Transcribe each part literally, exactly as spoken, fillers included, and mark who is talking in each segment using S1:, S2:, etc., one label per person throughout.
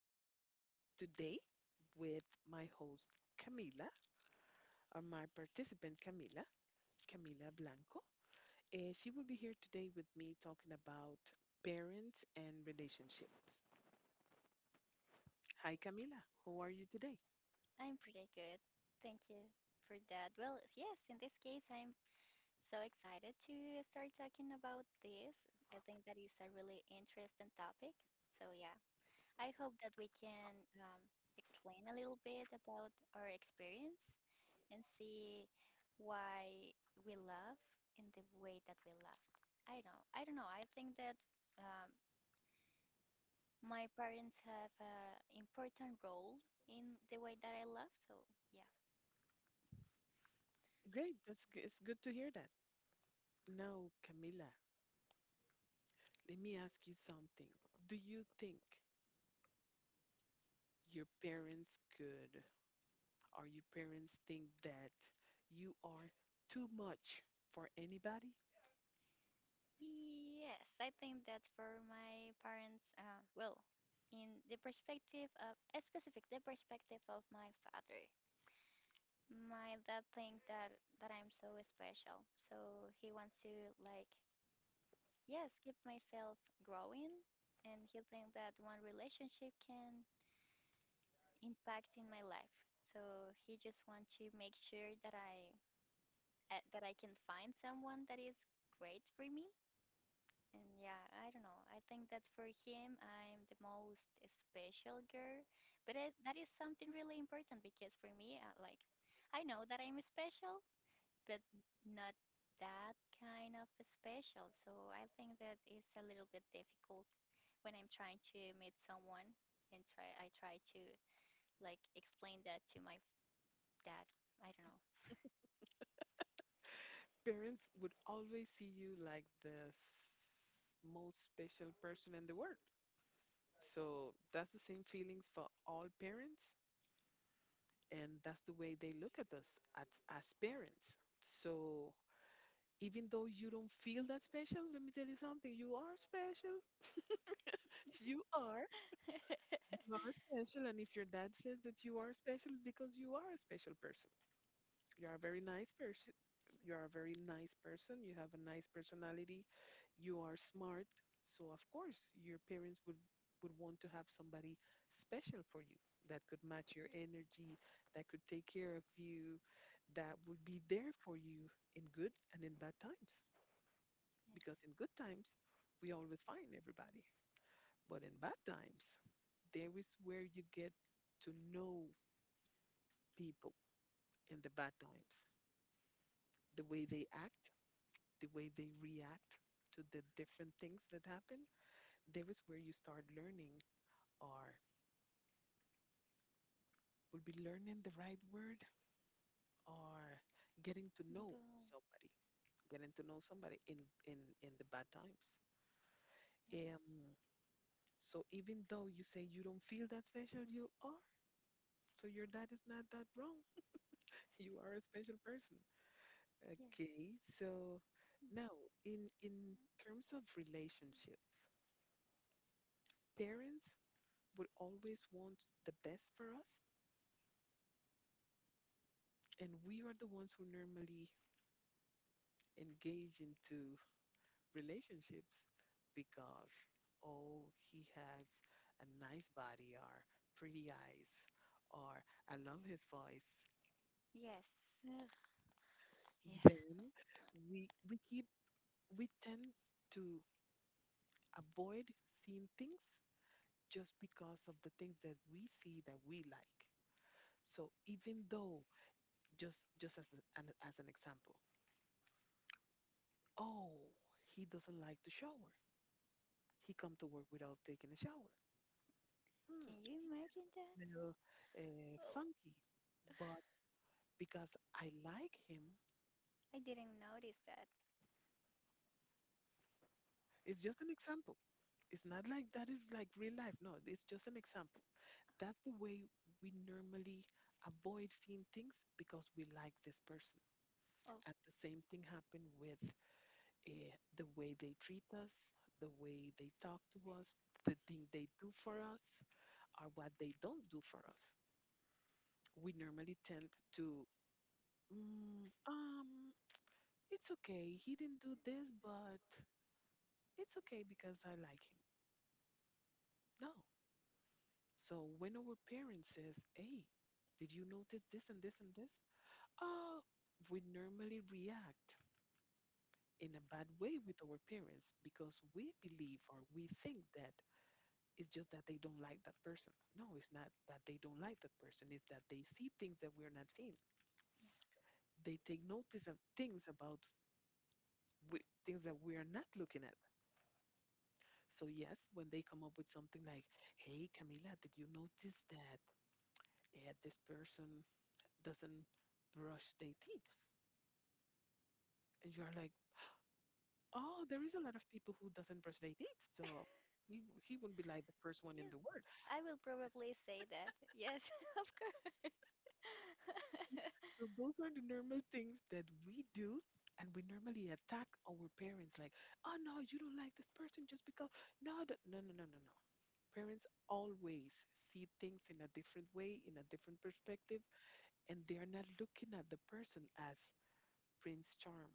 S1: to be here today with my host Camila, or my participant Camila, Camila Blanco. Uh, she will be here today with me talking about parents and relationships. Hi, Camila. How are you today?
S2: I'm pretty good. Thank you for that. Well, yes, in this case, I'm so excited to start talking about this. I think that is a really interesting topic. So, yeah, I hope that we can um, explain a little bit about our experience and see why we love in the way that we love. I don't, I don't know. I think that um, my parents have an important role in the way that I love. So, yeah.
S1: Great. That's g- it's good to hear that. Now, Camila, let me ask you something. Do you think your parents could Are your parents think that you are too much for anybody?
S2: Yes, I think that for my parents, uh, well, in the perspective of a specific, the perspective of my father, my dad think that that I'm so special, so he wants to like yes, keep myself growing, and he think that one relationship can impact in my life. So he just want to make sure that I uh, that I can find someone that is great for me. And yeah, I don't know. I think that for him, I'm the most special girl. But I, that is something really important because for me, uh, like, I know that I'm special, but not that kind of special. So I think that it's a little bit difficult when I'm trying to meet someone and try I try to like explain that to my f- dad. I don't know.
S1: Parents would always see you like the s- most special person in the world. So that's the same feelings for all parents, and that's the way they look at us as, as parents. So even though you don't feel that special, let me tell you something, you are special. You are. You are special. And if your dad says that you are special, it's because you are a special person. You are a very nice person. You are a very nice person. You have a nice personality. You are smart. So of course, your parents would would want to have somebody special for you that could match your energy, that could take care of you, that would be there for you in good and in bad times.
S2: Yeah.
S1: Because in good times, we always find everybody. But in bad times, there is where you get to know people in the bad times, the way they act, the way they react to the different things that happen, there is where you start learning or would be learning the right word or getting to know somebody, getting to know somebody in in in the bad times. Um, so even though you say you don't feel that special, you are. So your dad is not that wrong. You are a special person.
S2: Girl, yes,
S1: Okay, so now in in terms of relationships, parents would always want the best for us, and we are the ones who normally engage into relationships because oh he has a nice body or pretty eyes or I love his voice
S2: yeah, yes, ugh, yeah.
S1: then we we keep we tend to avoid seeing things just because of the things that we see that we like so even though just just as a- an as an example oh he doesn't like to shower he come to work without taking a shower. Hmm,
S2: Can you
S1: he can
S2: imagine that?
S1: smell uh, funky, but because I like him,
S2: I didn't notice that.
S1: it's just an example. It's not like that is like real life. No, it's just an example. That's the way we normally avoid seeing things because we like this person. And the same thing happened with uh, the way they treat us, the way they talk to us, the thing they do for us, or what they don't do for us. We normally tend to, mm, um, it's okay, he didn't do this, but it's okay because I like him. No. So when our parents says, hey, did you notice this and this and this? Oh, we normally react in a bad way with our parents because we believe or we think that it's just that they don't like that person. No, it's not that they don't like that person. It's that they see things that we're not seeing.
S2: Yes,
S1: They take notice of things about we, things that we are not looking. So yes, when they come up with something like, "Hey, Camila, did you notice that uh, this person doesn't brush their teeth?" And you are like, "Oh, there is a lot of people who doesn't brush their teeth." So he he wouldn't be like the first one in
S2: yes.
S1: the world.
S2: I will probably say that. Yes, of course. Yes,
S1: So those are the normal things that we do, and we normally attack our parents like, "Oh no, you don't like this person just because." No, th- no, no, no, no, no. Parents always see things in a different way, in a different perspective and they're not looking at the person as Prince Charm.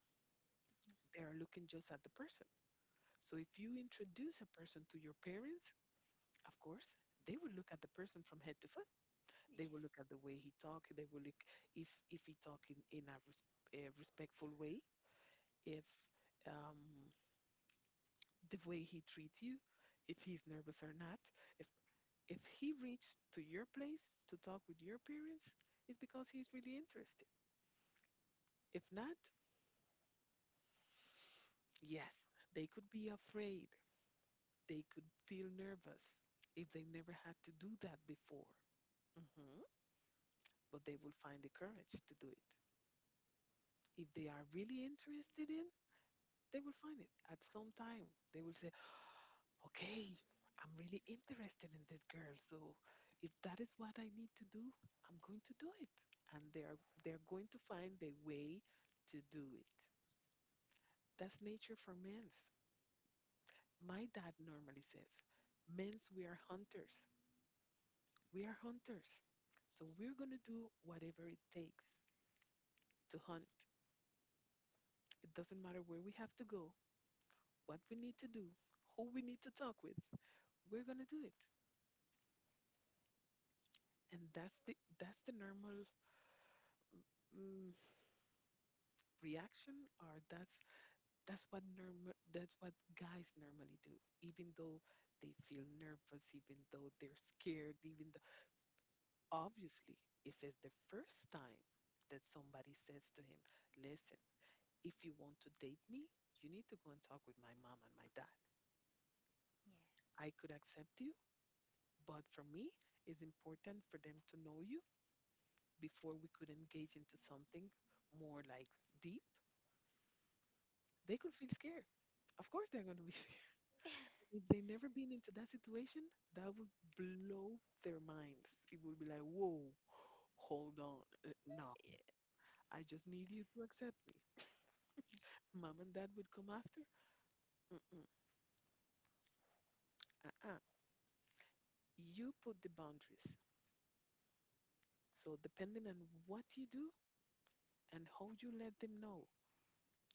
S1: They're looking just at the person. So if you introduce a person to your parents, of course, they will look at the person from head to foot. They will look at the way he talk. They will look if if he talk in, in a, res- a respectful way, if um, the way he treats you, if he's nervous or not. If if he reached to your place to talk with your parents, it's because he's really interested. If not, yes, they could be afraid they could feel nervous if they never had to do that before, Mm-hmm, but they will find the courage to do it. If they are really interested in, they will find it. At some time, they will say, "Okay, I'm really interested in this girl, so if that is what I need to do, I'm going to do it." And they are they are going to find the way to do it. That's nature for men's. My dad normally says, "Men's we are hunters. We are hunters. So we're going to do whatever it takes to hunt. It doesn't matter where we have to go, what we need to do, who we need to talk with. We're going to do it. And that's the that's the normal mm, reaction or that's that's what normal that's what guys normally do even though they feel nervous even though they're scared even though obviously if it's the first time that somebody says to him listen if you want to date me, you need to go and talk with my mom and my dad. I could accept you, but for me, it's important for them to know you before we could engage into something more like deep. They could feel scared. Of course, they're going to be scared. If they've never been into that situation, that would blow their minds. It would be like, whoa, hold on. uh, No,
S2: yeah, yeah,
S1: I just need you to accept me. Mom and dad would come after. Mm-mm, uh-uh. You put the boundaries. So, depending on what you do and how you let them know,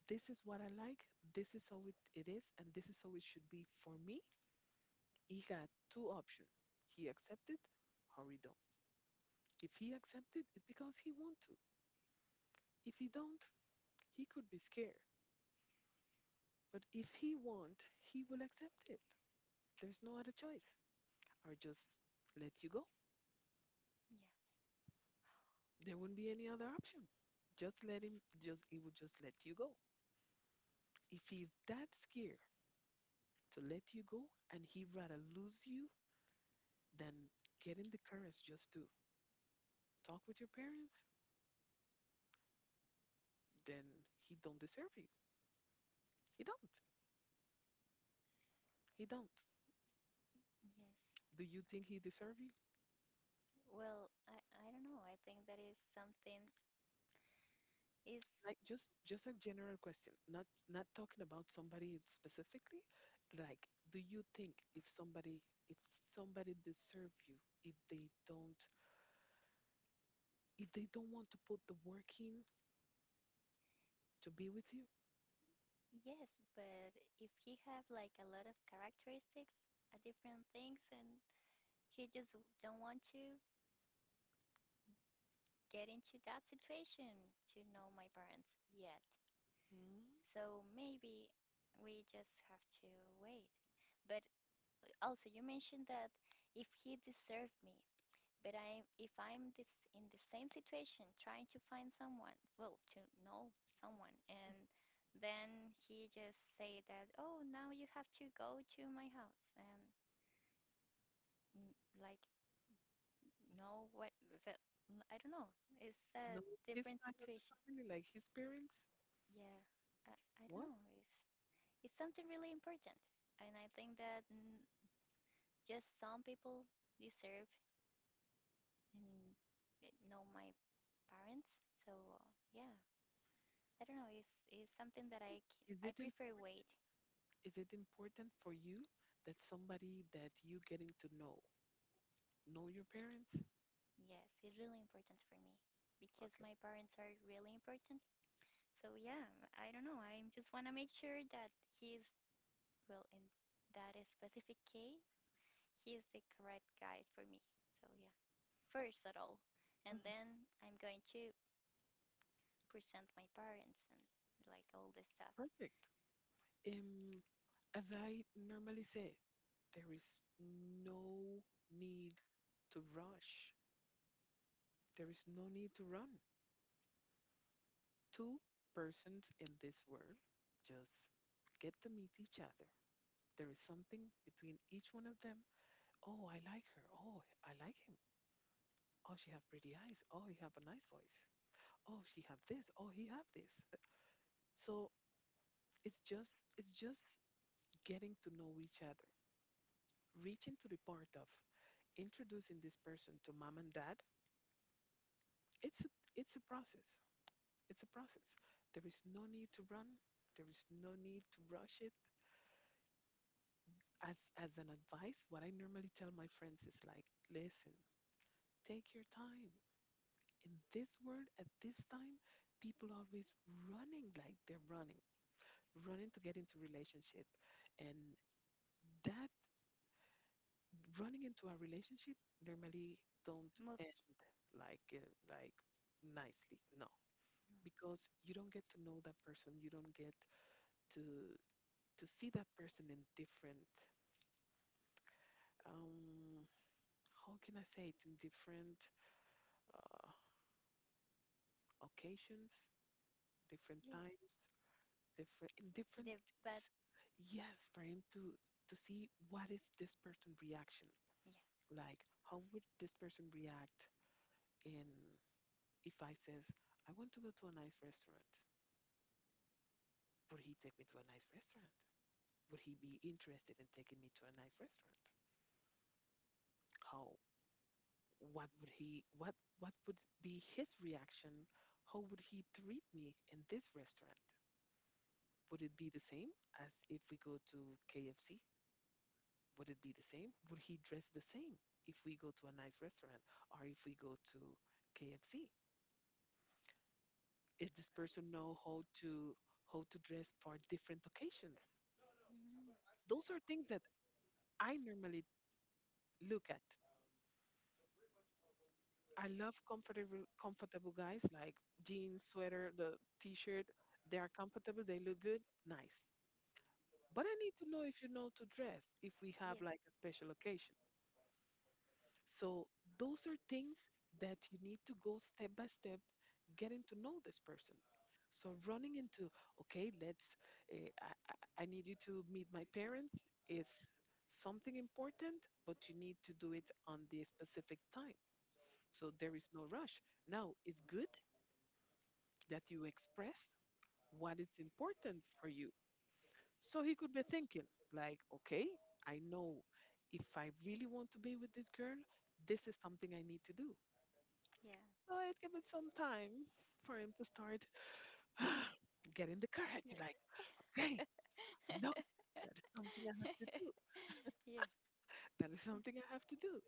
S1: this is what I like, this is how it, it is, and this is how it should be for me, he had two options. He accepted or he don't. If he accepted, it's because he want to. If he don't, he could be scared. But if he want, he will accept it. There's no other choice. Or just let you go.
S2: yeah.
S1: There wouldn't be any other option. Just let him just he would just let you go. If he's that scared to let you go and he'd rather lose you then getting the courage just to talk with your parents, then he don't deserve you. He don't. He don't.
S2: Yes.
S1: Do you think he deserve you?
S2: Well, I I don't know. I think that is something is.
S1: Like just just a general question. Not not talking about somebody specifically. Like, do you think if somebody if somebody deserve you, if they don't if they don't want to put the work in to be with you?
S2: Yes, but if he have like a lot of characteristics, uh, different things, and he just w- don't want to get into that situation to know my parents yet.
S1: Hmm?
S2: So maybe we just have to wait. But uh, also, you mentioned that if he deserved me, but I, if I'm this in the same situation, trying to find someone, well, to know someone, and then he just say that, oh, now you have to go to my house, and n- like no, what that I don't know. It's a
S1: No, his
S2: different
S1: side of the
S2: situation.
S1: family, like his parents?
S2: Yeah, I, I don't
S1: What?
S2: know. It's it's something really important, and I think that mm, just some people deserve and eh, know my parents. So uh, yeah, I don't know. It's it's something that I c-
S1: Is
S2: I
S1: it in
S2: prefer wait.
S1: is it important for you that somebody that you getting to know know your parents?
S2: Yes, it's really important for me because my parents are really important. So yeah, I don't know. I just want to make sure that he's, well, in that specific case, he is the correct guide for me. So yeah, first at all, and then I'm going to present my parents and like all the stuff.
S1: Perfect. Um, as I normally say, there is no need to rush. There is no need to run. Two persons in this world just get to meet each other. There is something between each one of them. Oh, I like her. Oh, I like him. Oh, she have pretty eyes. Oh, he have a nice voice. Oh, she have this. Oh, he have this. So It's just it's just getting to know each other, reaching to the part of introducing this person to mom and dad. It's a, it's a process. It's a process. There is no need to run. There is no need to rush it. As as an advice, what I normally tell my friends is like, listen, take your time. In this world at this time, people always running like they're running, running to get into relationship, and that running into a relationship normally don't
S2: Move, ch-
S1: like uh, like nicely. No, because you don't get to know that person. You don't get to to see that person in different um how can I say it in different uh, occasions, different
S2: yes,
S1: times, different in
S2: the
S1: different things.
S2: but
S1: Yes, for him to to see what is this person reaction
S2: yeah,
S1: like. How would this person react in if I says I want to go to a nice restaurant? Would he take me to a nice restaurant? Would he be interested in taking me to a nice restaurant? How what would he what what would be his reaction? How would he treat me in this restaurant? Would it be the same as if we go to K F C? Would it be the same? Would he dress the same if we go to a nice restaurant or if we go to K F C? Is this person know how to how to dress for different occasions?
S2: mhm,
S1: Those are things that I normally look at I love comfortable comfortable guys like jeans, sweater, the t-shirt. They are comfortable, they look good, nice. But I need to know if you know to dress, if we have
S2: yes,
S1: like a special occasion. So those are things that you need to go step by step getting to know this person. So running into, okay, let's, uh, I, I I need you to meet my parents is something important, but you need to do it on the specific time. So there is no rush. Now, it's good that you express what is important for you. So he could be thinking, like, okay, I know if I really want to be with this girl, this is something I need to do.
S2: yeah,
S1: So it gave it some time for him to start getting the courage, like, okay,
S2: yeah.
S1: I know that is something I have to do.
S2: yeah.
S1: That is something I have to do.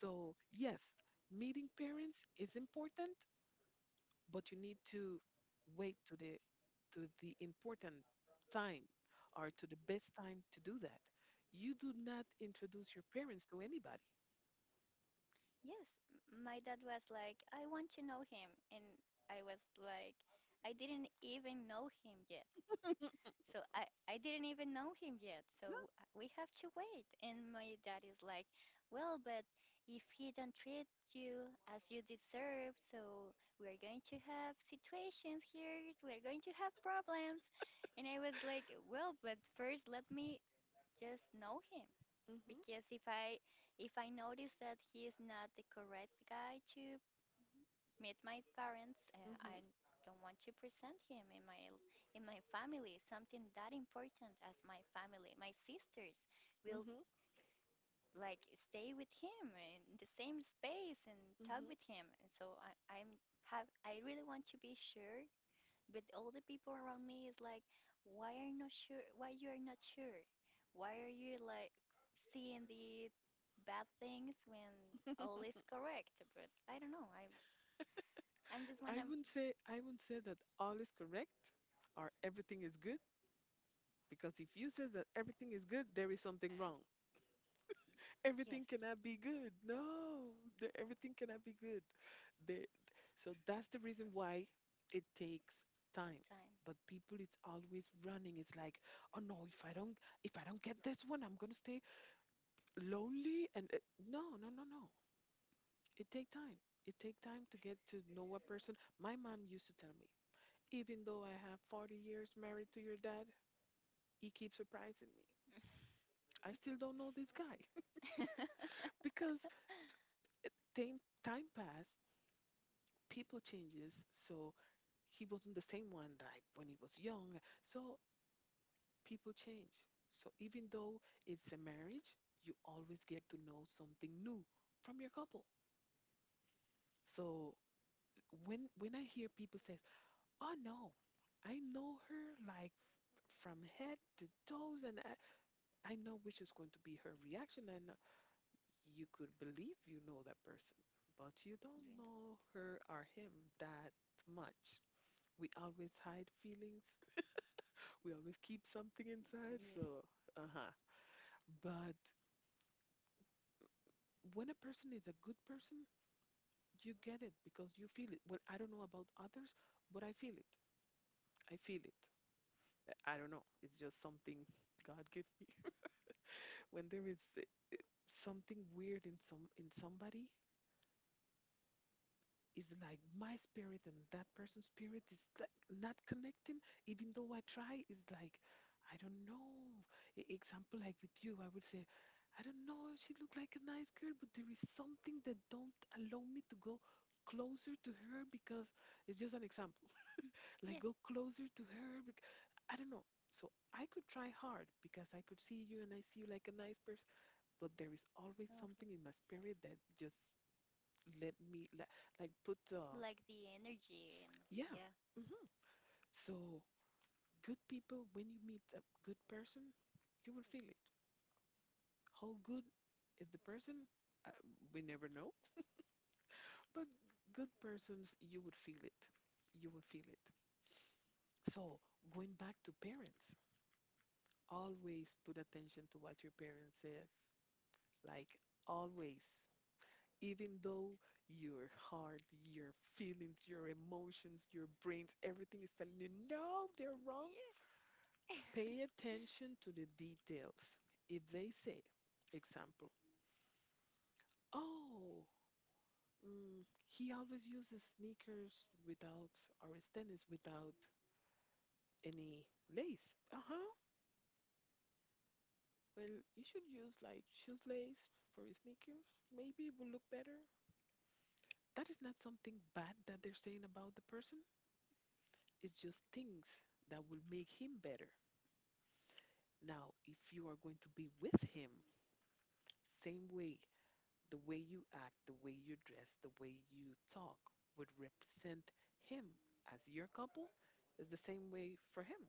S1: So, yes, meeting parents is important, but you need to wait to the to the important time or to the best time to do that. You do not introduce your parents to anybody.
S2: Yes, m- my dad was like, I want to know him. And I was like, I didn't even know him yet. So I, I didn't even know him yet.
S1: Yeah.
S2: So uh, we have to wait. And my dad is like, well, but if he don't treat you as you deserve, so we're going to have situations here. We're going to have problems. And I was like, well, but first let me just know him
S1: Mhm.
S2: because if I if I notice that he is not the correct guy to meet my parents, uh, I
S1: Mhm.
S2: don't want to present him in my l- in my family. Something that important as my family, my sisters will
S1: Mhm.
S2: like stay with him in the same space and talk
S1: Mhm.
S2: with him. And so I, I'm have I really want to be sure, but all the people around me is like, why are you not sure? Why you are not sure? Why are you like seeing the bad things when all is correct? But I don't know. I I'm just
S1: I
S2: wanna
S1: wouldn't say I wouldn't say that all is correct or everything is good, because if you say that everything is good, there is something wrong.
S2: yes
S1: Everything cannot be good. No, there, everything cannot be good. The So that's the reason why it takes time.
S2: time.
S1: But people, it's always running, it's like, oh no, if i don't if i don't get this one, I'm gonna stay lonely, and uh, no, no, no, no, it take time. It take time to get to know a person. My mom used to tell me, even though I have forty years married to your dad, he keeps surprising me, I still don't know this guy. Because uh, time, time passed people changes, so he wasn't the same one like when he was young. So people change. So even though it's a marriage, you always get to know something new from your couple. So when when I hear people says, "Oh no, I know her like from head to toes, and I, I know which is going to be her reaction," and uh, you could believe you know that person, but you don't
S2: During
S1: know her or him that much. We always hide feelings. We always keep something inside.
S2: yes.
S1: So, uh huh. But when a person is a good person, you get it because you feel it. Well, I don't know about others, but I feel it. I feel it. Uh, I don't know. It's just something God gave me. When there is uh, something weird in some in somebody, it's like my spirit and that person's spirit is like not connecting, even though I try. It's like I don't know. E- example, like with you, I would say, I don't know, she looked like a nice girl, but there is something that don't allow me to go closer to her, because — it's just an example — like
S2: Yeah.
S1: go closer to her bec- I don't know. So I could try hard, because I could see you and I see you like a nice person, but there is always
S2: No. Okay.
S1: something in my spirit that just let me like, like put the —
S2: Like the energy and
S1: yeah.
S2: yeah.
S1: Hmm. So good people, when you meet a good person, you will feel it. How good is the person? Uh, we never know. But good persons, you would feel it. You will feel it. So going back to parents, always put attention to what your parents says. Like, always. Even though your heart, your feelings, your emotions, your brains, everything is telling you no, they're wrong.
S2: Yeah.
S1: Pay attention to the details. If they say, example, oh, mm, he always uses sneakers without, or his tennis without any lace. Uh huh. Well, you should use like shoes lace for his sneakers. Maybe it will look better. That is not something bad that they're saying about the person. It's just things that will make him better. Now, if you are going to be with him, same way, the way you act, the way you dress, the way you talk would represent him as your couple, is the same way for him.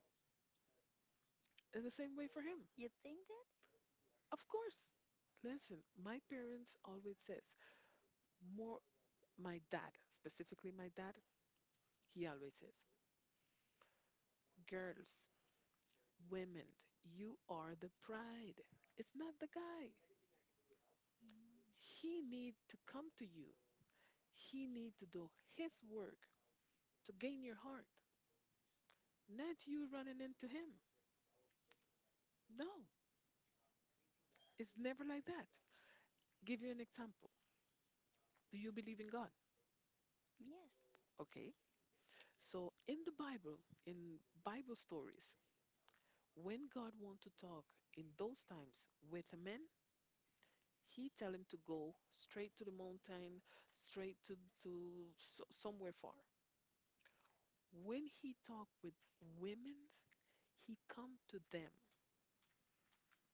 S1: Is the same way for him.
S2: You think that?
S1: Of course. Listen, my parents always says, more my dad, specifically my dad, he always says, girls, women, you are the pride. It's not the guy. He need to come to you. He need to do his work to gain your heart, not you running into him. No, it's never like that. Give you an example. Do you believe in God?
S2: Yes.
S1: Okay. So in the Bible, in Bible stories, when God want to talk in those times with a man, he tell him to go straight to the mountain, straight to to so, somewhere far. When he talk with women, he come to them.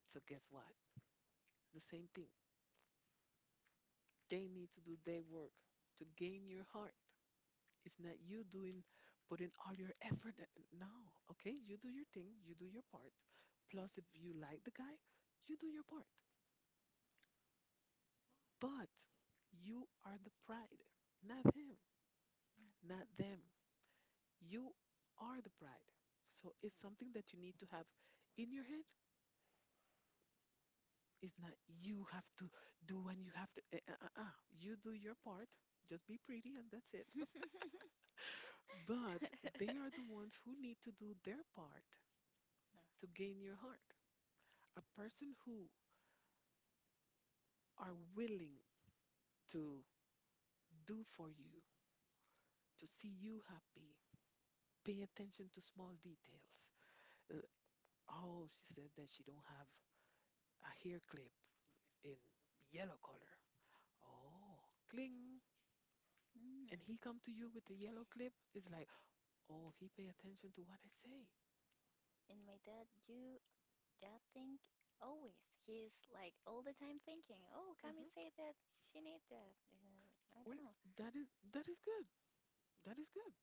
S1: So guess what? The same thing. They need to do their work to gain your heart. It's not you doing, putting all your effort. And no, okay, you do your thing, you do your part. Plus, if you like the guy, you do your part. But you are the pride, not him, not them. You are the pride. So it's something that you need to have in your head. It's not you have to do and you have to. Uh, uh, uh, uh. You do your part, just be pretty, and that's it. But they are the ones who need to do their part to gain your heart. A person who are willing to do for you, to see you happy, pay attention to small details. Uh, oh, she said that she don't have a hair clip in yellow color. Oh, cling.
S2: Mm.
S1: And he come to you with the yellow clip. It's like, oh, he pay attention to what I say.
S2: And my dad do that thing always. He's like all the time thinking, "Oh, Kami say that she need that." Uh, I
S1: Well,
S2: don't know.
S1: that is that is good. That is good.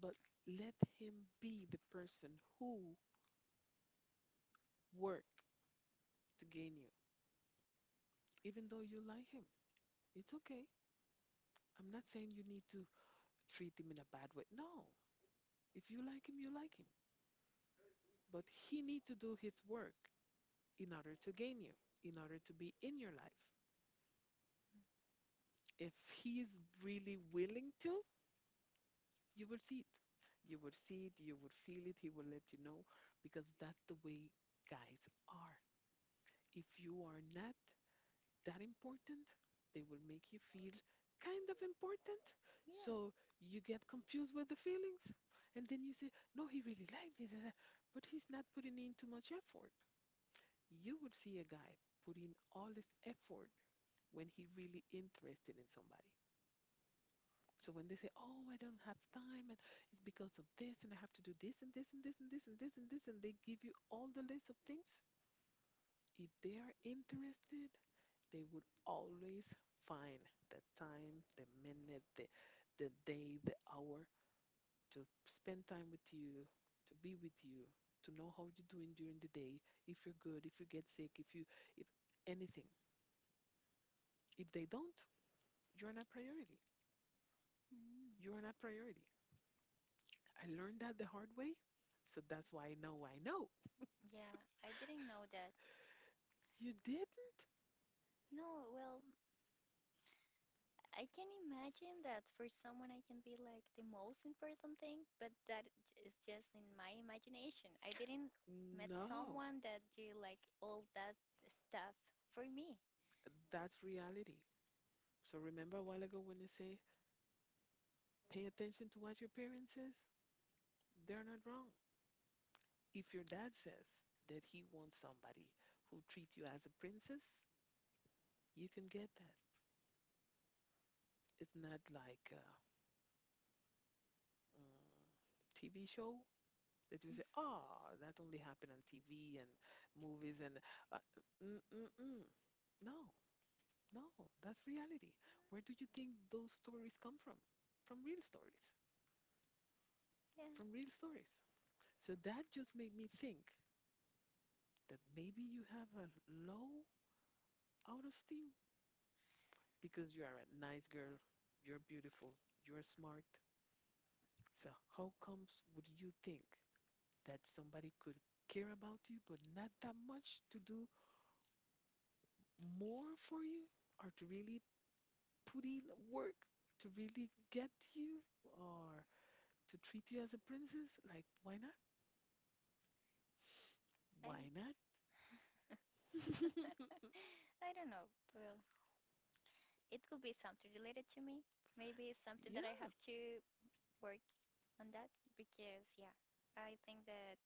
S1: But let him be the person who work to gain you. Even though you like him, it's okay. I'm not saying you need to treat him in a bad way, no. If you like him, you like him, but he need to do his work in order to gain you, in order to be in your life. If he is really willing to, you will see it. You will see it, you will feel it, he will let you know, because that's the way guys are. If you are not that important, they will make you feel kind of important.
S2: Yeah.
S1: So you get confused with the feelings. And then you say, no, he really liked me, da, da, but he's not putting in too much effort. You would see a guy put in all this effort when he really interested in somebody. So when they say, oh, I don't have time, and it's because of this, and I have to do this, and this, and this, and this, and this, and this, and they give you all the list of things, if they are interested, they would always find the time, the minute, the, the day, the hour to spend time with you, to be with you, to know how you're doing during the day, if you're good, if you get sick, if you, if anything. If they don't, you're not priority.
S2: Mm.
S1: You're not priority. I learned that the hard way, so that's why I know I know.
S2: Yeah, I didn't know that.
S1: You didn't?
S2: No, well, I can imagine that for someone I can be like the most important thing, but that j- is just in my imagination. I didn't met
S1: No,
S2: someone that do like all that stuff for me.
S1: that's reality. So remember a while ago when I say, pay attention to what your parents says? They're not wrong. If your dad says that he wants somebody who treats you as a princess, you can get that. It's not like a mm, T V show that you say, "Ah, that only happened on T V and movies and uh, mm, mm, mm." No, no, that's reality. Where do you think those stories come from? From real stories.
S2: Yeah,
S1: From real stories. So that just made me think that maybe you have a low auto-esteem, because you are a nice girl, you're beautiful, you're smart. So how comes would you think that somebody could care about you but not that much to do more for you, or to really put in work to really get you, or to treat you as a princess? Like, why not?
S2: I
S1: Why not?
S2: I don't know. Well, it could be something related to me. Maybe it's something that I
S1: yeah.
S2: have to work on that because yeah, I think that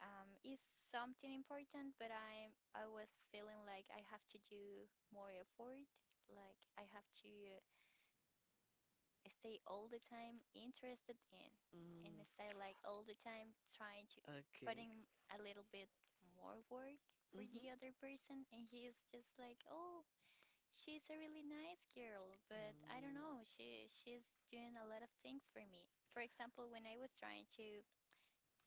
S2: um is something important, but I'm I was feeling like I have to do more effort. Like I have to stay all the time interested in and
S1: Mm,
S2: stay like all the time trying to
S1: okay.
S2: putting a little bit more work for
S1: Hmm.
S2: the other person. And he is just like, oh, she's a really nice girl, but I don't know, she she's doing a lot of things for me. For example, when I was trying to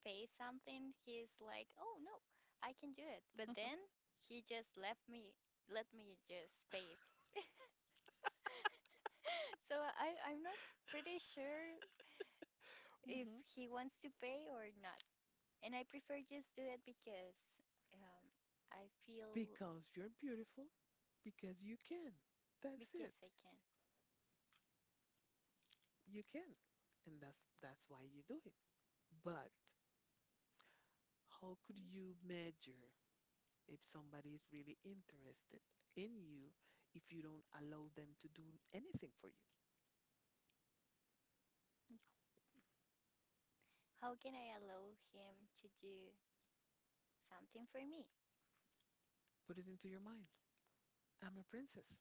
S2: pay something, he's like, oh no, I can do it, but then he just left me, let me just pay. So i i'm not pretty sure if he wants to pay or not. And I prefer just do it because um, I feel.
S1: Because you're beautiful, because you can. That's
S2: Because
S1: it.
S2: I can.
S1: You can. And that's that's why you do it. But how could you measure if somebody is really interested in you if you don't allow them to do anything for you?
S2: How can I allow him to do something for me?
S1: Put it into your mind. I'm a princess.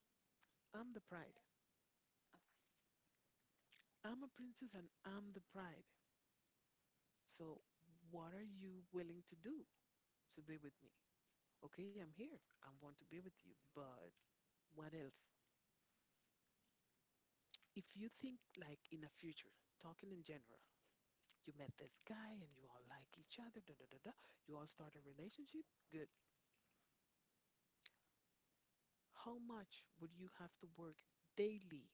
S1: I'm the pride.
S2: All right.
S1: I'm a princess and I'm the pride. So, what are you willing to do to be with me? Okay, I'm here. I want to be with you, but what else? If you think like in the future, talking in general, you met this guy and you all like each other, da da da da, you all start a relationship, good. How much would you have to work daily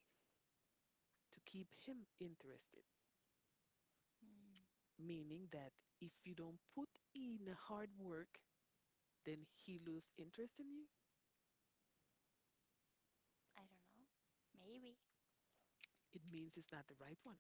S1: to keep him interested?
S2: Mm,
S1: Meaning that if you don't put in hard work, then he lose interest in you.
S2: I don't know. Maybe.
S1: It means it's not the right one.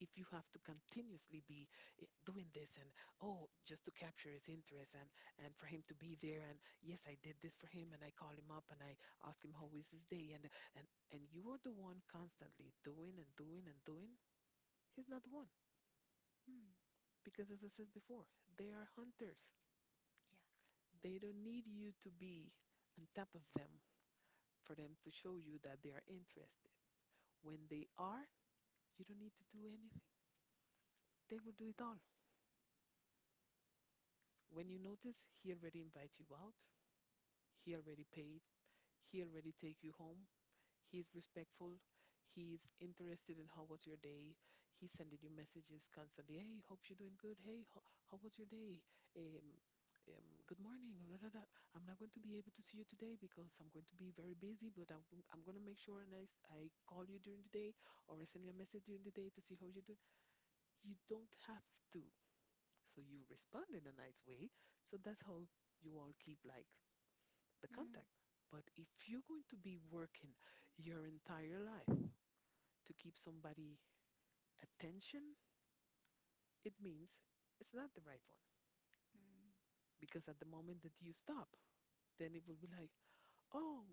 S1: If you have to continuously be i- doing this and oh just to capture his interest, and and for him to be there and yes I did this for him and I call him up and I ask him how is his day and and and you are the one constantly doing and doing and doing. He's not the one,
S2: Mm,
S1: because as I said before, they are hunters.
S2: yeah.
S1: They don't need you to be on top of them for them to show you that they are interested. When they are, you don't need to do anything. They will do it all. When
S2: Mm,
S1: you notice, he already invite you out. He already paid. He already take you home. He's respectful. He's interested in how was your day. He's sending you messages constantly. Hey, hope you're doing good. Hey, how, how was your day? Um, um, Good morning. Da, da, da. I'm not going to be able to see you today because I'm going to be very busy, but I'm, I'm going to make sure and I, s- I call you during the day or I send you a message during the day to see how you're doing. You don't have to. So you respond in a nice way. So that's how you all keep like the
S2: mm.
S1: contact. But if you're going to be working your entire life to keep somebody attention, it means it's not the right one. Because at the moment that you stop, then it will be like, oh,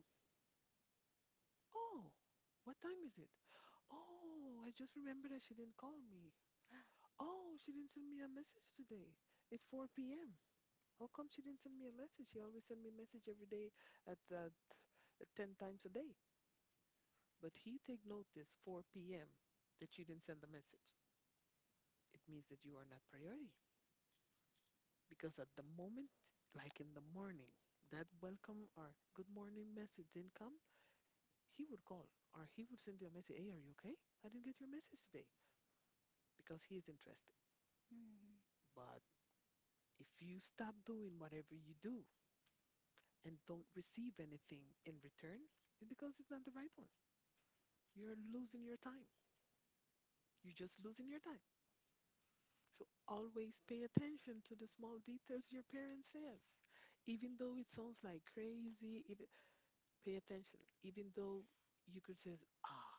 S1: oh, what time is it? Oh, I just remembered that she didn't call me. Oh, she didn't send me a message today. It's four p m. How come she didn't send me a message? She always send me a message every day at, at, at ten times a day. But he take notice four p m that you didn't send the message. It means that you are not priority. Because at the moment, like in the morning, that welcome or good morning message didn't come, he would call or he would send you a message. Hey, are you okay? I didn't get your message today, because he is interested.
S2: Mm,
S1: But if you stop doing whatever you do and don't receive anything in return, it's because it's not the right one. You're losing
S2: mm,
S1: your time. You're just losing your time. So always pay attention to the small details your parent says, even though it sounds like crazy. Even pay attention, even though you could say, ah,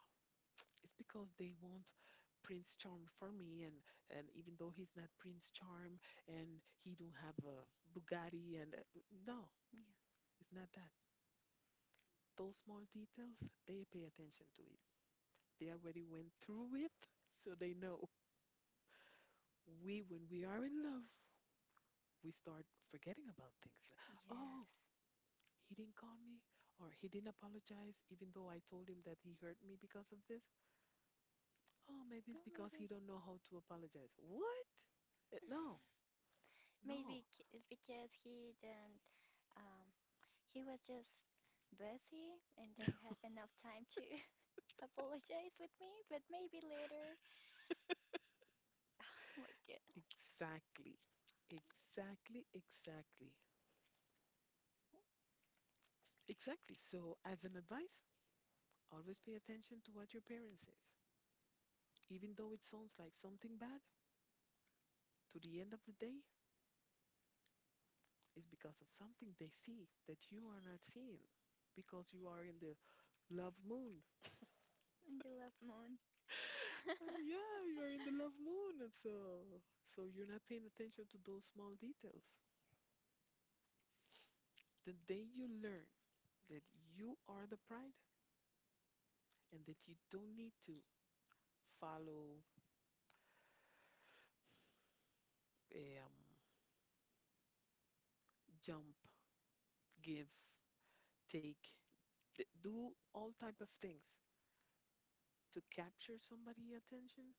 S1: it's because they want Prince Charm for me, and and even though he's not Prince Charm and he don't have a Bugatti, and uh, no,
S2: yeah.
S1: it's not that. Those small details, they pay attention to it. They already went through it, so they know. We, when we are in love, we start forgetting about things. Like,
S2: Yes.
S1: oh, he didn't call me, or he didn't apologize, even though I told him that he hurt me because of this. Oh, maybe it's
S2: Oh,
S1: because
S2: maybe.
S1: he don't know how to apologize. What? Eh, no, no.
S2: Maybe c- it's because he didn't. Um, he was just busy and don't have enough time to apologize with me, but maybe later. Oh my god,
S1: Exactly. Exactly, exactly. Exactly. So, as an advice, always pay attention to what your parents says. Even though it sounds like something bad, to the end of the day, it's because of something they see that you are not seeing, because you are in the love moon.
S2: and the love moon.
S1: Uh, yeah, you're in the love moon, and so so you're not paying attention to those small details. The day you learn that you are the pride, and that you don't need to follow, um, jump, give, take, th- do all type of things to capture somebody' attention,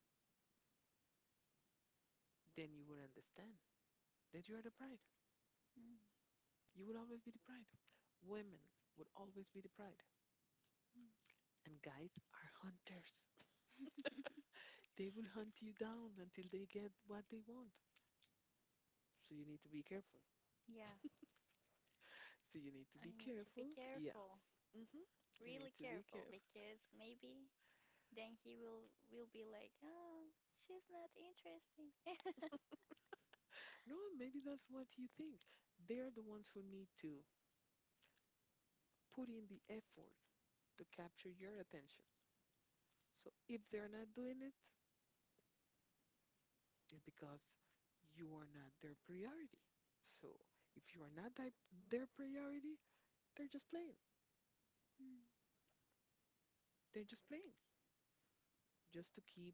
S1: then you would understand that you are the pride.
S2: Mm,
S1: You will always be the pride. Women would always be the pride, and guys are hunters. They will hunt you down until they get what they want. So you need to be careful.
S2: yeah,
S1: So you need to
S2: I
S1: be
S2: need to be
S1: careful. Yeah.
S2: careful,
S1: Hmm. You
S2: really
S1: need to be
S2: careful,
S1: careful.
S2: because maybe then he will will be like, oh, she's not interesting.
S1: No, maybe that's what you think. They're the ones who need to put in the effort to capture your attention. So if they're not doing it, it's because you are not their priority. So if you are not thi- their priority, they're just playing.
S2: Mm,
S1: They're just playing just to keep.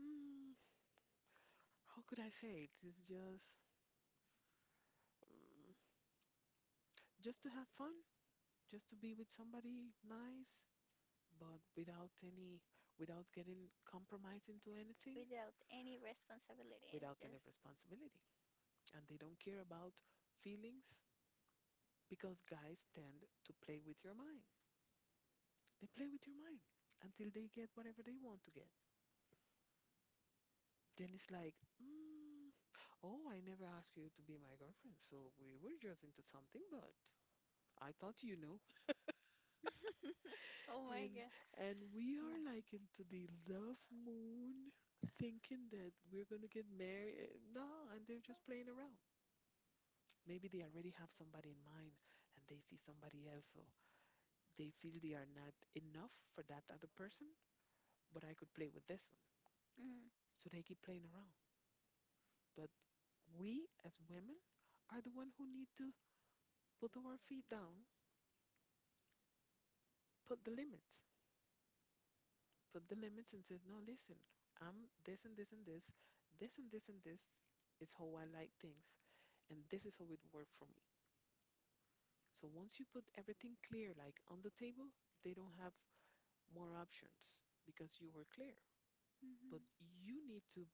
S1: Mm, how could I say it? It's just, mm, just to have fun, just to be with somebody nice, but without any, without getting compromised into anything.
S2: without any responsibility.
S1: Without any
S2: Just,
S1: responsibility. And they don't care about feelings, because guys tend to play with your mind. They play with your mind until they get whatever they want to get. Then it's like, mm, oh, I never asked you to be my girlfriend, so we were just into something, but I thought you know.
S2: oh my
S1: And
S2: god,
S1: and we
S2: yeah,
S1: are like into the love moon, thinking that we're gonna get married. Eh, no, and they're just playing around. Maybe they already have somebody in mind, and they see somebody else. So they feel they are not enough for that other person, but I could play with this one.
S2: mm,
S1: So they keep playing around. But we as women are the one who need to put our feet down, put the limits, put the limits and say, no, listen, I'm this and this and this, this and this and this is how I like things, and this is how it worked for me. So once you put everything clear, like on the table, they don't have more options because you were clear. But you need to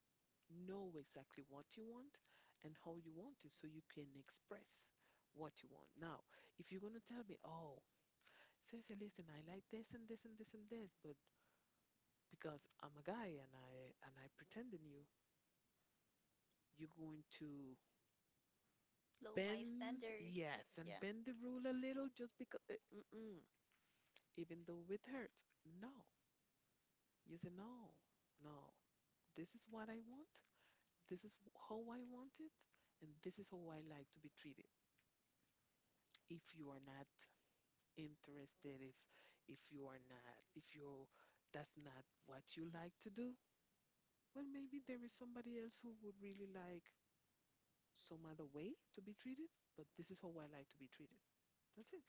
S1: know exactly what you want and how you want it so you can express what you want. Now, if you're going to tell me, oh, Ceci, listen, I like this and this and this and this, but because I'm a guy and I and I pretend in you, you're going to
S2: low my
S1: bend,
S2: standards.
S1: yes, and
S2: Yeah,
S1: bend the rule a little just because, mm-mm, even though it hurts. No, you say, no, no, this is what I want, this is how I want it, and this is how I like to be treated. If you are not interested, if if you are not, if you that's not what you like to do, well, maybe there is somebody else who would really like some other way to be treated, but this is how I like to be treated. That's it.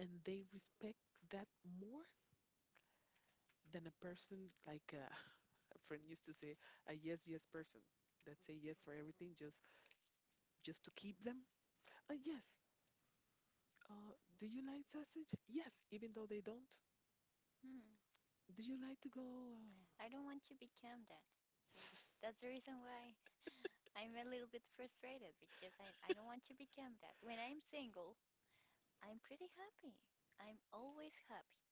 S1: And they respect that more than a person like uh, a friend used to say, a yes yes person, that say yes for everything, just just to keep them. Uh, yes. uh, do you like sausage? Yes, even though they don't.
S2: mm,
S1: Do you like to go?
S2: I don't want to become that. So that's the reason why I I'm a little bit frustrated because I, I don't want to become that. When I'm single, I'm pretty happy. I'm always happy.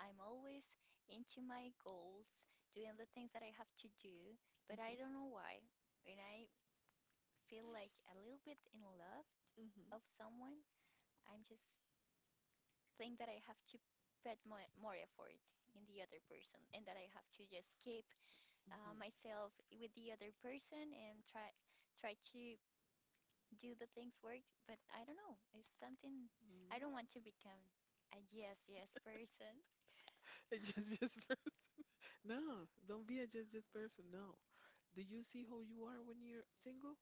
S2: I'm always into my goals, doing the things that I have to do, but I don't know why. When I feel like a little bit in love
S1: uh, Mhm.
S2: of someone, I'm just think that I have to put more, more effort in the other person and that I have to just keep uh,
S1: Mhm.
S2: myself with the other person and try try to do the things work, but I don't know. It's something I don't
S1: Mm.
S2: want to become a yes, yes person.
S1: A just just person. No, don't be a just just person. No. Do you see how you are when you're single?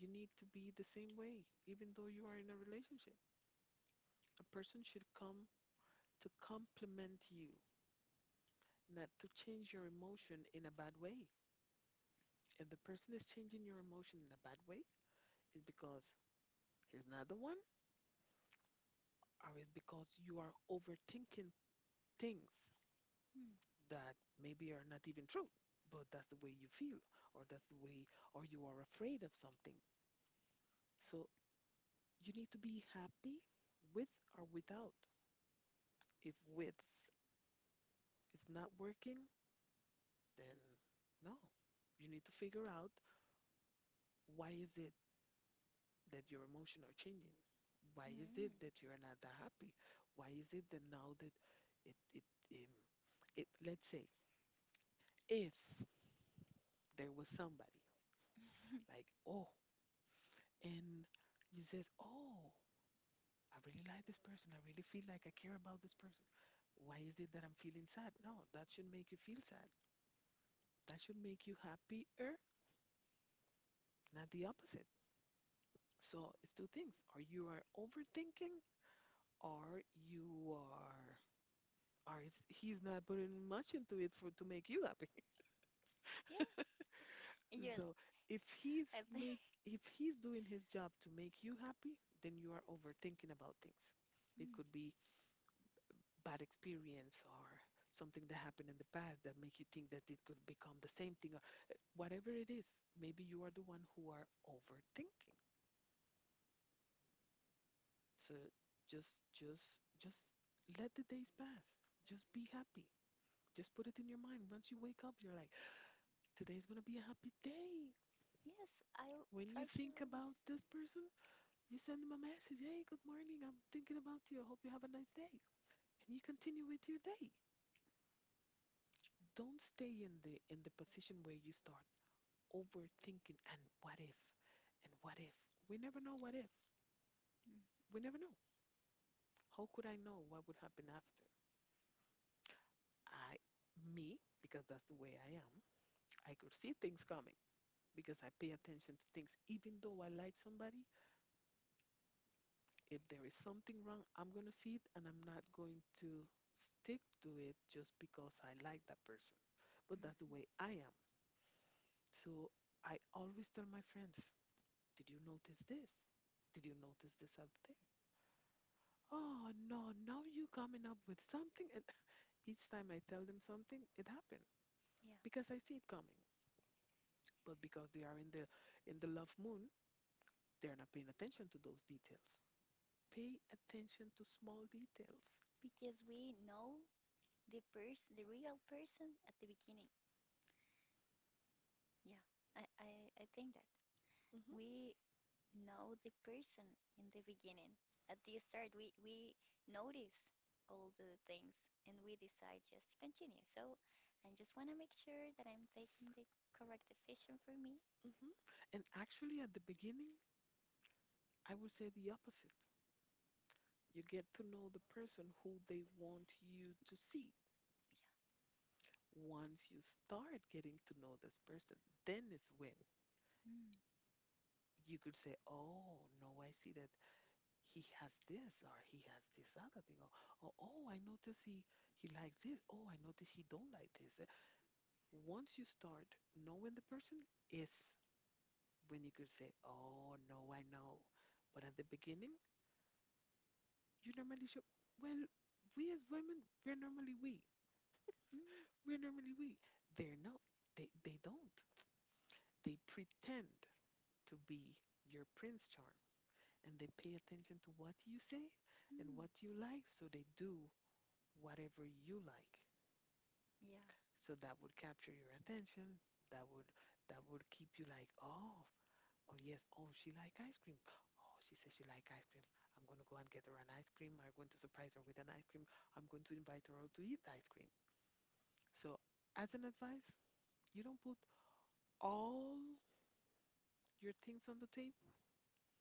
S1: You need to be the same way, even though you are in a relationship. A person should come to complement you, not to change your emotion in a bad way. If the person is changing your emotion in a bad way, it's because he's not the one, or it's because you are overthinking things.
S2: Mm.
S1: That maybe are not even true, but that's the way you feel, or that's the way, or you are afraid of something. So you need to be happy with or without. If with is not working, then no. You need to figure out, why is it that your emotions are changing? Why is
S2: Mm.
S1: it that you're not that happy? Why is it that now that it it um, it, let's say, if there was somebody like, oh, and you says, oh, I really like this person. I really feel like I care about this person. Why is it that I'm feeling sad? No, that should make you feel sad. That should make you happier, not the opposite. So it's two things. Or you are overthinking, or you are, or it's, he's not putting much into it for to make you happy.
S2: Yeah, you.
S1: So if he's
S2: I think
S1: make if he's doing his job to make you happy, then you are overthinking about things. It
S2: mm.
S1: could be bad experience or something that happened in the past that make you think that it could become the same thing, or whatever it is, maybe you are the one who are overthinking. So just just just let the days pass, just be happy, just put it in your mind once you wake up you're like, today's going to be a happy day.
S2: Yes. I'll
S1: When
S2: try
S1: you
S2: to
S1: think
S2: always.
S1: about this person, you send them a message, hey, good morning, I'm thinking about you, I hope you have a nice day, and you continue with your day. Don't stay in the in the position where you start overthinking and what if, and what if, we never know, what if,
S2: Mm.
S1: we never know. How could I know what would happen after I me, because that's the way I am. I could see things coming because I pay attention to things. Even though I like somebody, if there is something wrong, I'm going to see it, and I'm not going to stick to it just because I like that person. But that's the
S2: Mm.
S1: way I am. So I always tell my friends, did you notice this? Did you notice this other thing? Oh no, now you coming up with something. And each time I tell them something, it happened
S2: Yeah,
S1: because I see it coming. But because they are in the in the love moon, they're not paying attention to those details. Pay attention to small details.
S2: because we know the person, the real person, at the beginning. Yeah, I, I, I think that
S1: Hmm.
S2: we know the person in the beginning. At the start, we, we notice all the things and we decide just to continue. So I just want to make sure that I'm taking the correct decision for me.
S1: Hmm. And actually at the beginning, I would say the opposite. You get to know the person who they want you to see. Once you start getting to know this person, then is when
S2: Yeah. Mm.
S1: you could say, "Oh, no, I see that he has this, or he has this other thing, or, or oh, I notice he he like this. Oh, I notice he don't like this." Uh, once you start knowing the person is when you could say, oh no, I know. But at the beginning, you normally show, well, we as women, we're normally we,
S2: Mm.
S1: we're normally we they're not, they they don't, they pretend to be your prince charm, and they pay attention to what you say and
S2: Mm.
S1: what you like, so they do whatever you like.
S2: Yeah.
S1: So that would capture your attention, that would that would keep you like, oh oh yes, oh, she like ice cream, oh, she says she like ice cream. I'm going to go and get her an ice cream. I'm going to surprise her with an ice cream. I'm going to invite her out to eat ice cream. So, as an advice, you don't put all your things on the table.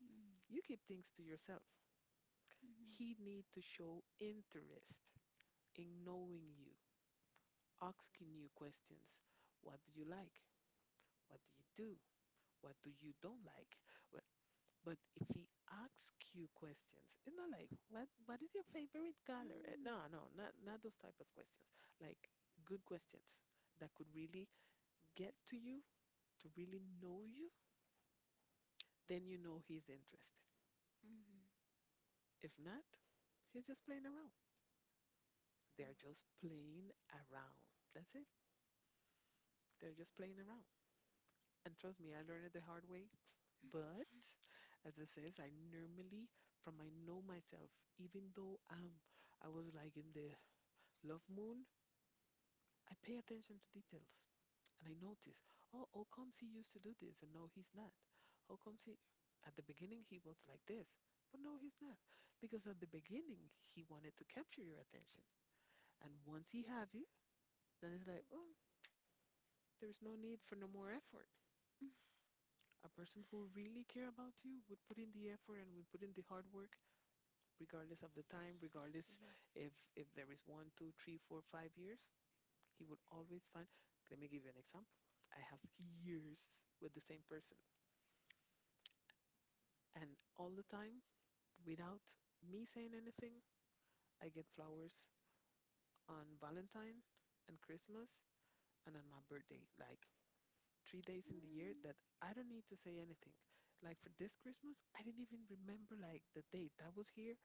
S2: Mm.
S1: You keep things to yourself.
S2: Mm-hmm.
S1: He need to show interest in knowing you, asking you questions. What do you like? What do you do? What do you don't like? well, But if he asks you questions, it's not like, what what is your favorite color? Eh,
S2: Mm.
S1: No, no, not not those type of questions. Like, good questions that could really get to you, to really know you, then you know he's interested.
S2: Mm-hmm.
S1: If not, he's just playing around. They're
S2: Mm.
S1: just playing around. That's it. They're just playing around. And trust me, I learned it the hard way. But as it says, I normally, from I know myself, even though um I was like in the love moon, I pay attention to details, and I notice, oh, how comes he used to do this and now he's not? How comes he, at the beginning he was like this, but no, he's not? Because at the beginning he wanted to capture your attention. And once he have you, then it's like, oh, there is no need for no more effort. A person who really care about you would put in the effort and would put in the hard work, regardless of the time, regardless
S2: Just, yeah.
S1: if if there is one, two, three, four, five years. He would always find. Let me give you an example. I have years with the same person, and all the time, without me saying anything, I get flowers on Valentine and Christmas and on my birthday, like three days in the year that I don't need to say anything. Like for this Christmas, I didn't even remember like the date. I was here,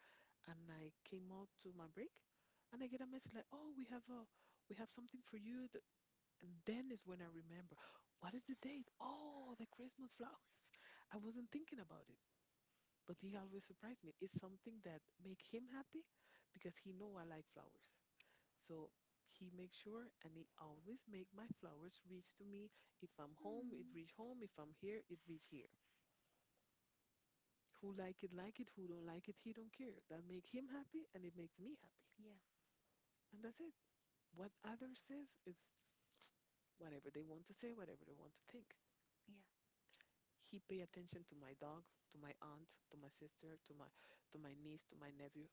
S1: and I came out to my break, and I get a message like, "Oh, we have a we have something for you." And then is when I remember, what is the date? Oh, the Christmas flowers. I wasn't thinking about it, but he always surprised me. It's something that make him happy because he know I like flowers. So he makes sure and he always make my flowers reach to me. If I'm
S2: Mm.
S1: home, it
S2: Mm.
S1: reach home. If I'm here, it reach here. Who like it, like it. Who don't like it, he don't care. That make him happy and it makes me happy.
S2: Yeah.
S1: And that's it. What others says is whatever they want to say, whatever they want to think.
S2: Yeah.
S1: He pay attention to my dog, to my aunt, to my sister, to my to my niece, to my nephew,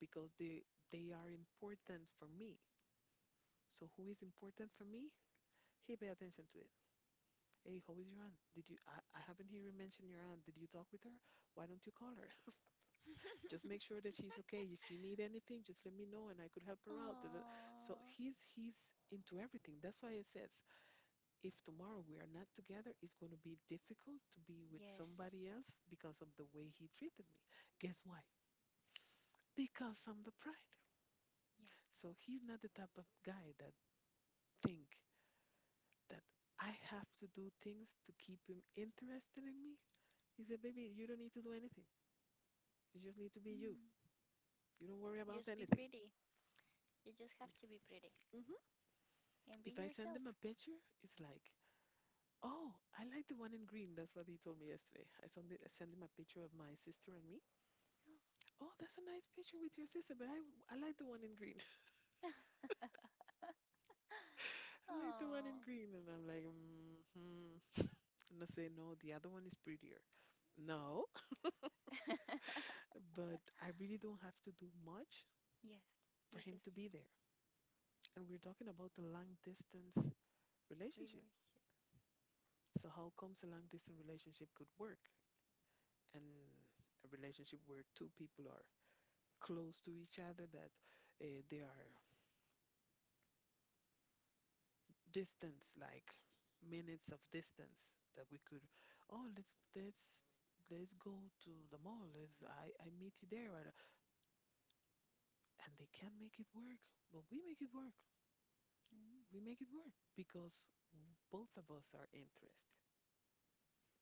S1: because they they are important for me. So who is important for me? He pay attention to it. Hey, how is your aunt? Did you I, I haven't heard you mention your aunt. Did you talk with her? Why don't you call her? Just make sure that she's okay. If you need anything, just let me know and I could help her out. Da, da, da." So
S2: Oh.
S1: he's he's into everything. That's why it says, if tomorrow we are not together, it's going to be difficult to be with
S2: Yes.
S1: somebody else because of the way he treated me. Guess why? Because I'm the pride.
S2: Yeah.
S1: So he's not the type of guy that think that I have to do things to keep him interested in me. He said, baby, you don't need to do anything. You just need to be you.
S2: Mm.
S1: You don't worry about
S2: Just be
S1: anything.
S2: pretty. You just have to be pretty
S1: Hmm.
S2: and be
S1: If I send
S2: yourself.
S1: him a picture, it's like, oh, I like the one in green. That's what he told me yesterday. I sent, it, I sent him a picture of my sister and me. "Oh, that's a nice picture with your sister, but I I like the one in green." I like the one
S2: Oh,
S1: in green, and I'm like, mm, hmm. And I say, no, the other one is prettier. No, but I really don't have to do much
S2: yes,
S1: for
S2: you
S1: him
S2: just
S1: to be there. And we're talking about the long distance
S2: be yourself.
S1: relationship. So how comes a long distance relationship could work, and a relationship where two people are close to each other, that uh, they are distance, like minutes of distance, that we could, oh, let's let's let's go to the mall. Let's I I meet you there, and and they can't make it work, but we make it work.
S2: Mm.
S1: We make it work because both of us are interested.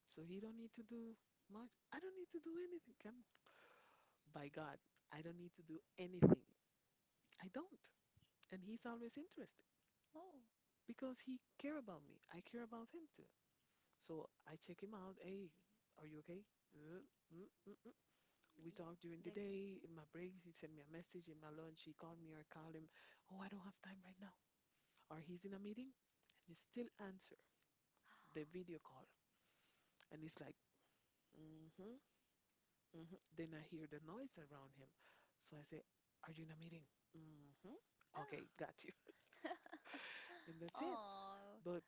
S1: So he don't need to do much. I don't need to do anything. Come by God, I don't need to do anything. I don't, and he's always interested
S2: Oh,
S1: because he care about me. I care about him too. So I check him out. Hey, are you okay? Uh, mm, mm, mm. We talked during
S2: yeah,
S1: the
S2: that one.
S1: day. In my breaks, he sent me a message. In my lunch, he called me or called him. Oh, I don't have time right now. Or he's in a meeting and he still answer the video call. And it's like, mm-hmm, mm-hmm. Then I hear the noise around him. So I say, are you in a meeting? Mm-hmm. Okay, got you. And
S2: Oh,
S1: that's it.
S2: oh,
S1: But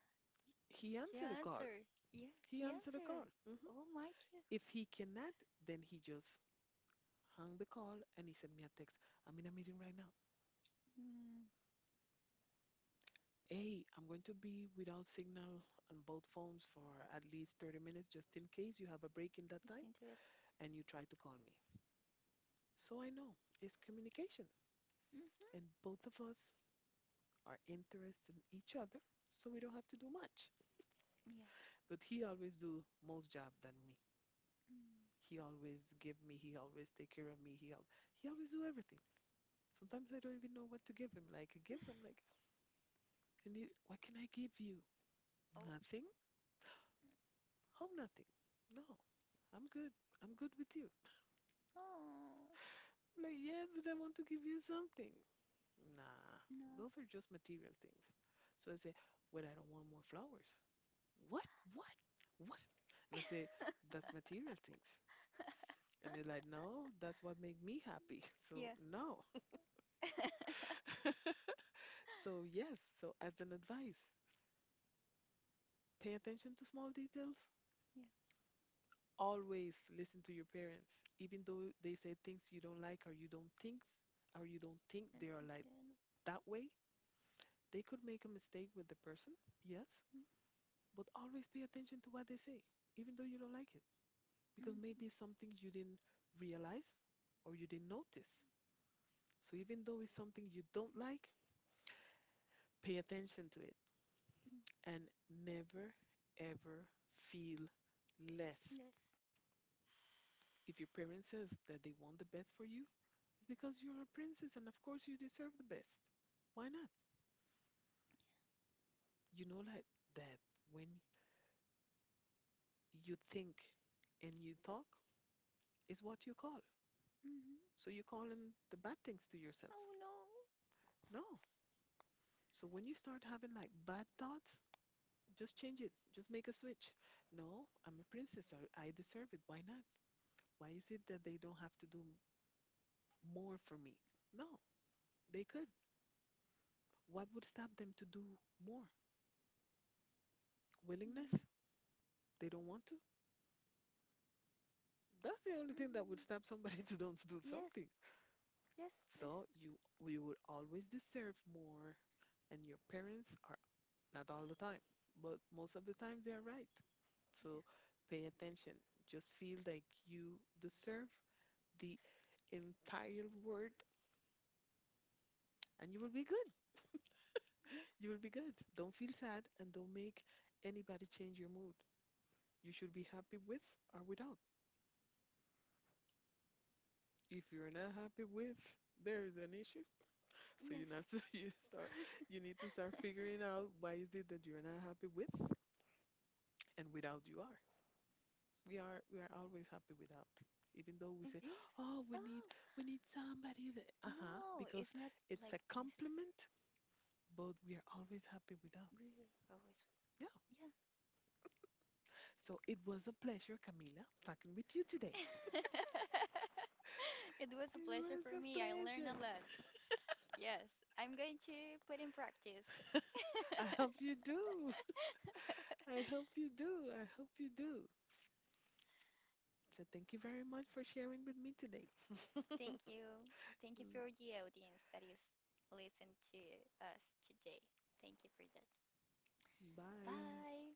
S1: he
S2: he
S1: answered the call.
S2: answered. Yeah,
S1: He
S2: he
S1: answered the
S2: answered.
S1: call. Hmm.
S2: Oh, Mike.
S1: If he cannot, then he just hung the call, and he sent me a text. I'm in a meeting right now.
S2: Mm,
S1: Hey, I'm going to be without signal on both phones for at least thirty minutes just in case you have a break in that time
S2: listen to it.
S1: and you try to call me. So I know it's communication, and
S2: Mm-hmm.
S1: both of us are interested in each other, so we don't have to do much.
S2: Yeah.
S1: But he always do most job than me.
S2: Mm.
S1: He always give me, he always take care of me, he al- he always do everything. Sometimes I don't even know what to give him. Like I give him like, and he, what can I give you?
S2: Oh,
S1: Nothing. How nothing? No, I'm good. I'm good with you.
S2: oh,
S1: Like, yeah, but I want to give you something. Nah,
S2: no.
S1: those are just material things. So I say, well, I don't want more flowers. What? What? What? And I say, that's material things. And they're like, no, that's what make me happy. So
S2: Yeah,
S1: no. So yes. So as an advice, pay attention to small details.
S2: yeah.
S1: Always listen to your parents, even though they say things you don't like or you don't think or you don't think
S2: I
S1: they are
S2: think
S1: like
S2: I mm-hmm.
S1: that way. They could make a mistake with the person, yes, but always pay attention to what they say, even though you don't like it, because
S2: Mm-hmm.
S1: maybe it's something you didn't realize or you didn't notice. So even though it's something you don't like, pay attention to it, and never ever feel less.
S2: Yes.
S1: If your parents says that they want the best for you, it's because you're a princess and of course you deserve the best. Why not? You know, like, that when you think and you talk is what you call.
S2: Mm-hmm.
S1: So you call in the bad things to yourself.
S2: Oh no.
S1: No. So when you start having like bad thoughts, just change it. Just make a switch. No, I'm a princess. I, I deserve it. Why not? Why is it that they don't have to do more for me? No, they could. What would stop them to do more? Willingness?
S2: Mm.
S1: They don't want to. That's the only thing that would
S2: Mhm.
S1: stop somebody to don't do
S2: Yes,
S1: something.
S2: yes, yes,
S1: So you we would always deserve more, and your parents are not all the time, but most of the time they are right. So pay attention. Just feel like you deserve the entire world and you will be good.
S2: yeah,
S1: You will be good. Don't feel sad and don't make anybody change your mood. You should be happy with or without. If you're not happy with, there is an issue. So you
S2: yes,
S1: have to, you start you need to start figuring out why is it that you're not happy with, and without you are. we are we are always happy without, even though we
S2: it,
S1: say,
S2: yes.
S1: oh, we need
S2: Oh
S1: we need somebody that, uh-huh,
S2: no,
S1: because
S2: it's not
S1: it's
S2: like
S1: a
S2: necessary.
S1: compliment, but we are always happy without.
S2: We're always
S1: Yeah. So it was a pleasure, Camila, talking with you today.
S2: yeah. It was
S1: It
S2: a pleasure for
S1: was a
S2: me. I learned a
S1: pleasure.
S2: lot. Yes, I'm going to put in practice.
S1: I hope you do, I hope you do, I hope you do. So thank you very much for sharing with me today.
S2: Thank you. Thank you for the audience that is listening to us today. Thank you for that.
S1: Bye.
S2: Bye.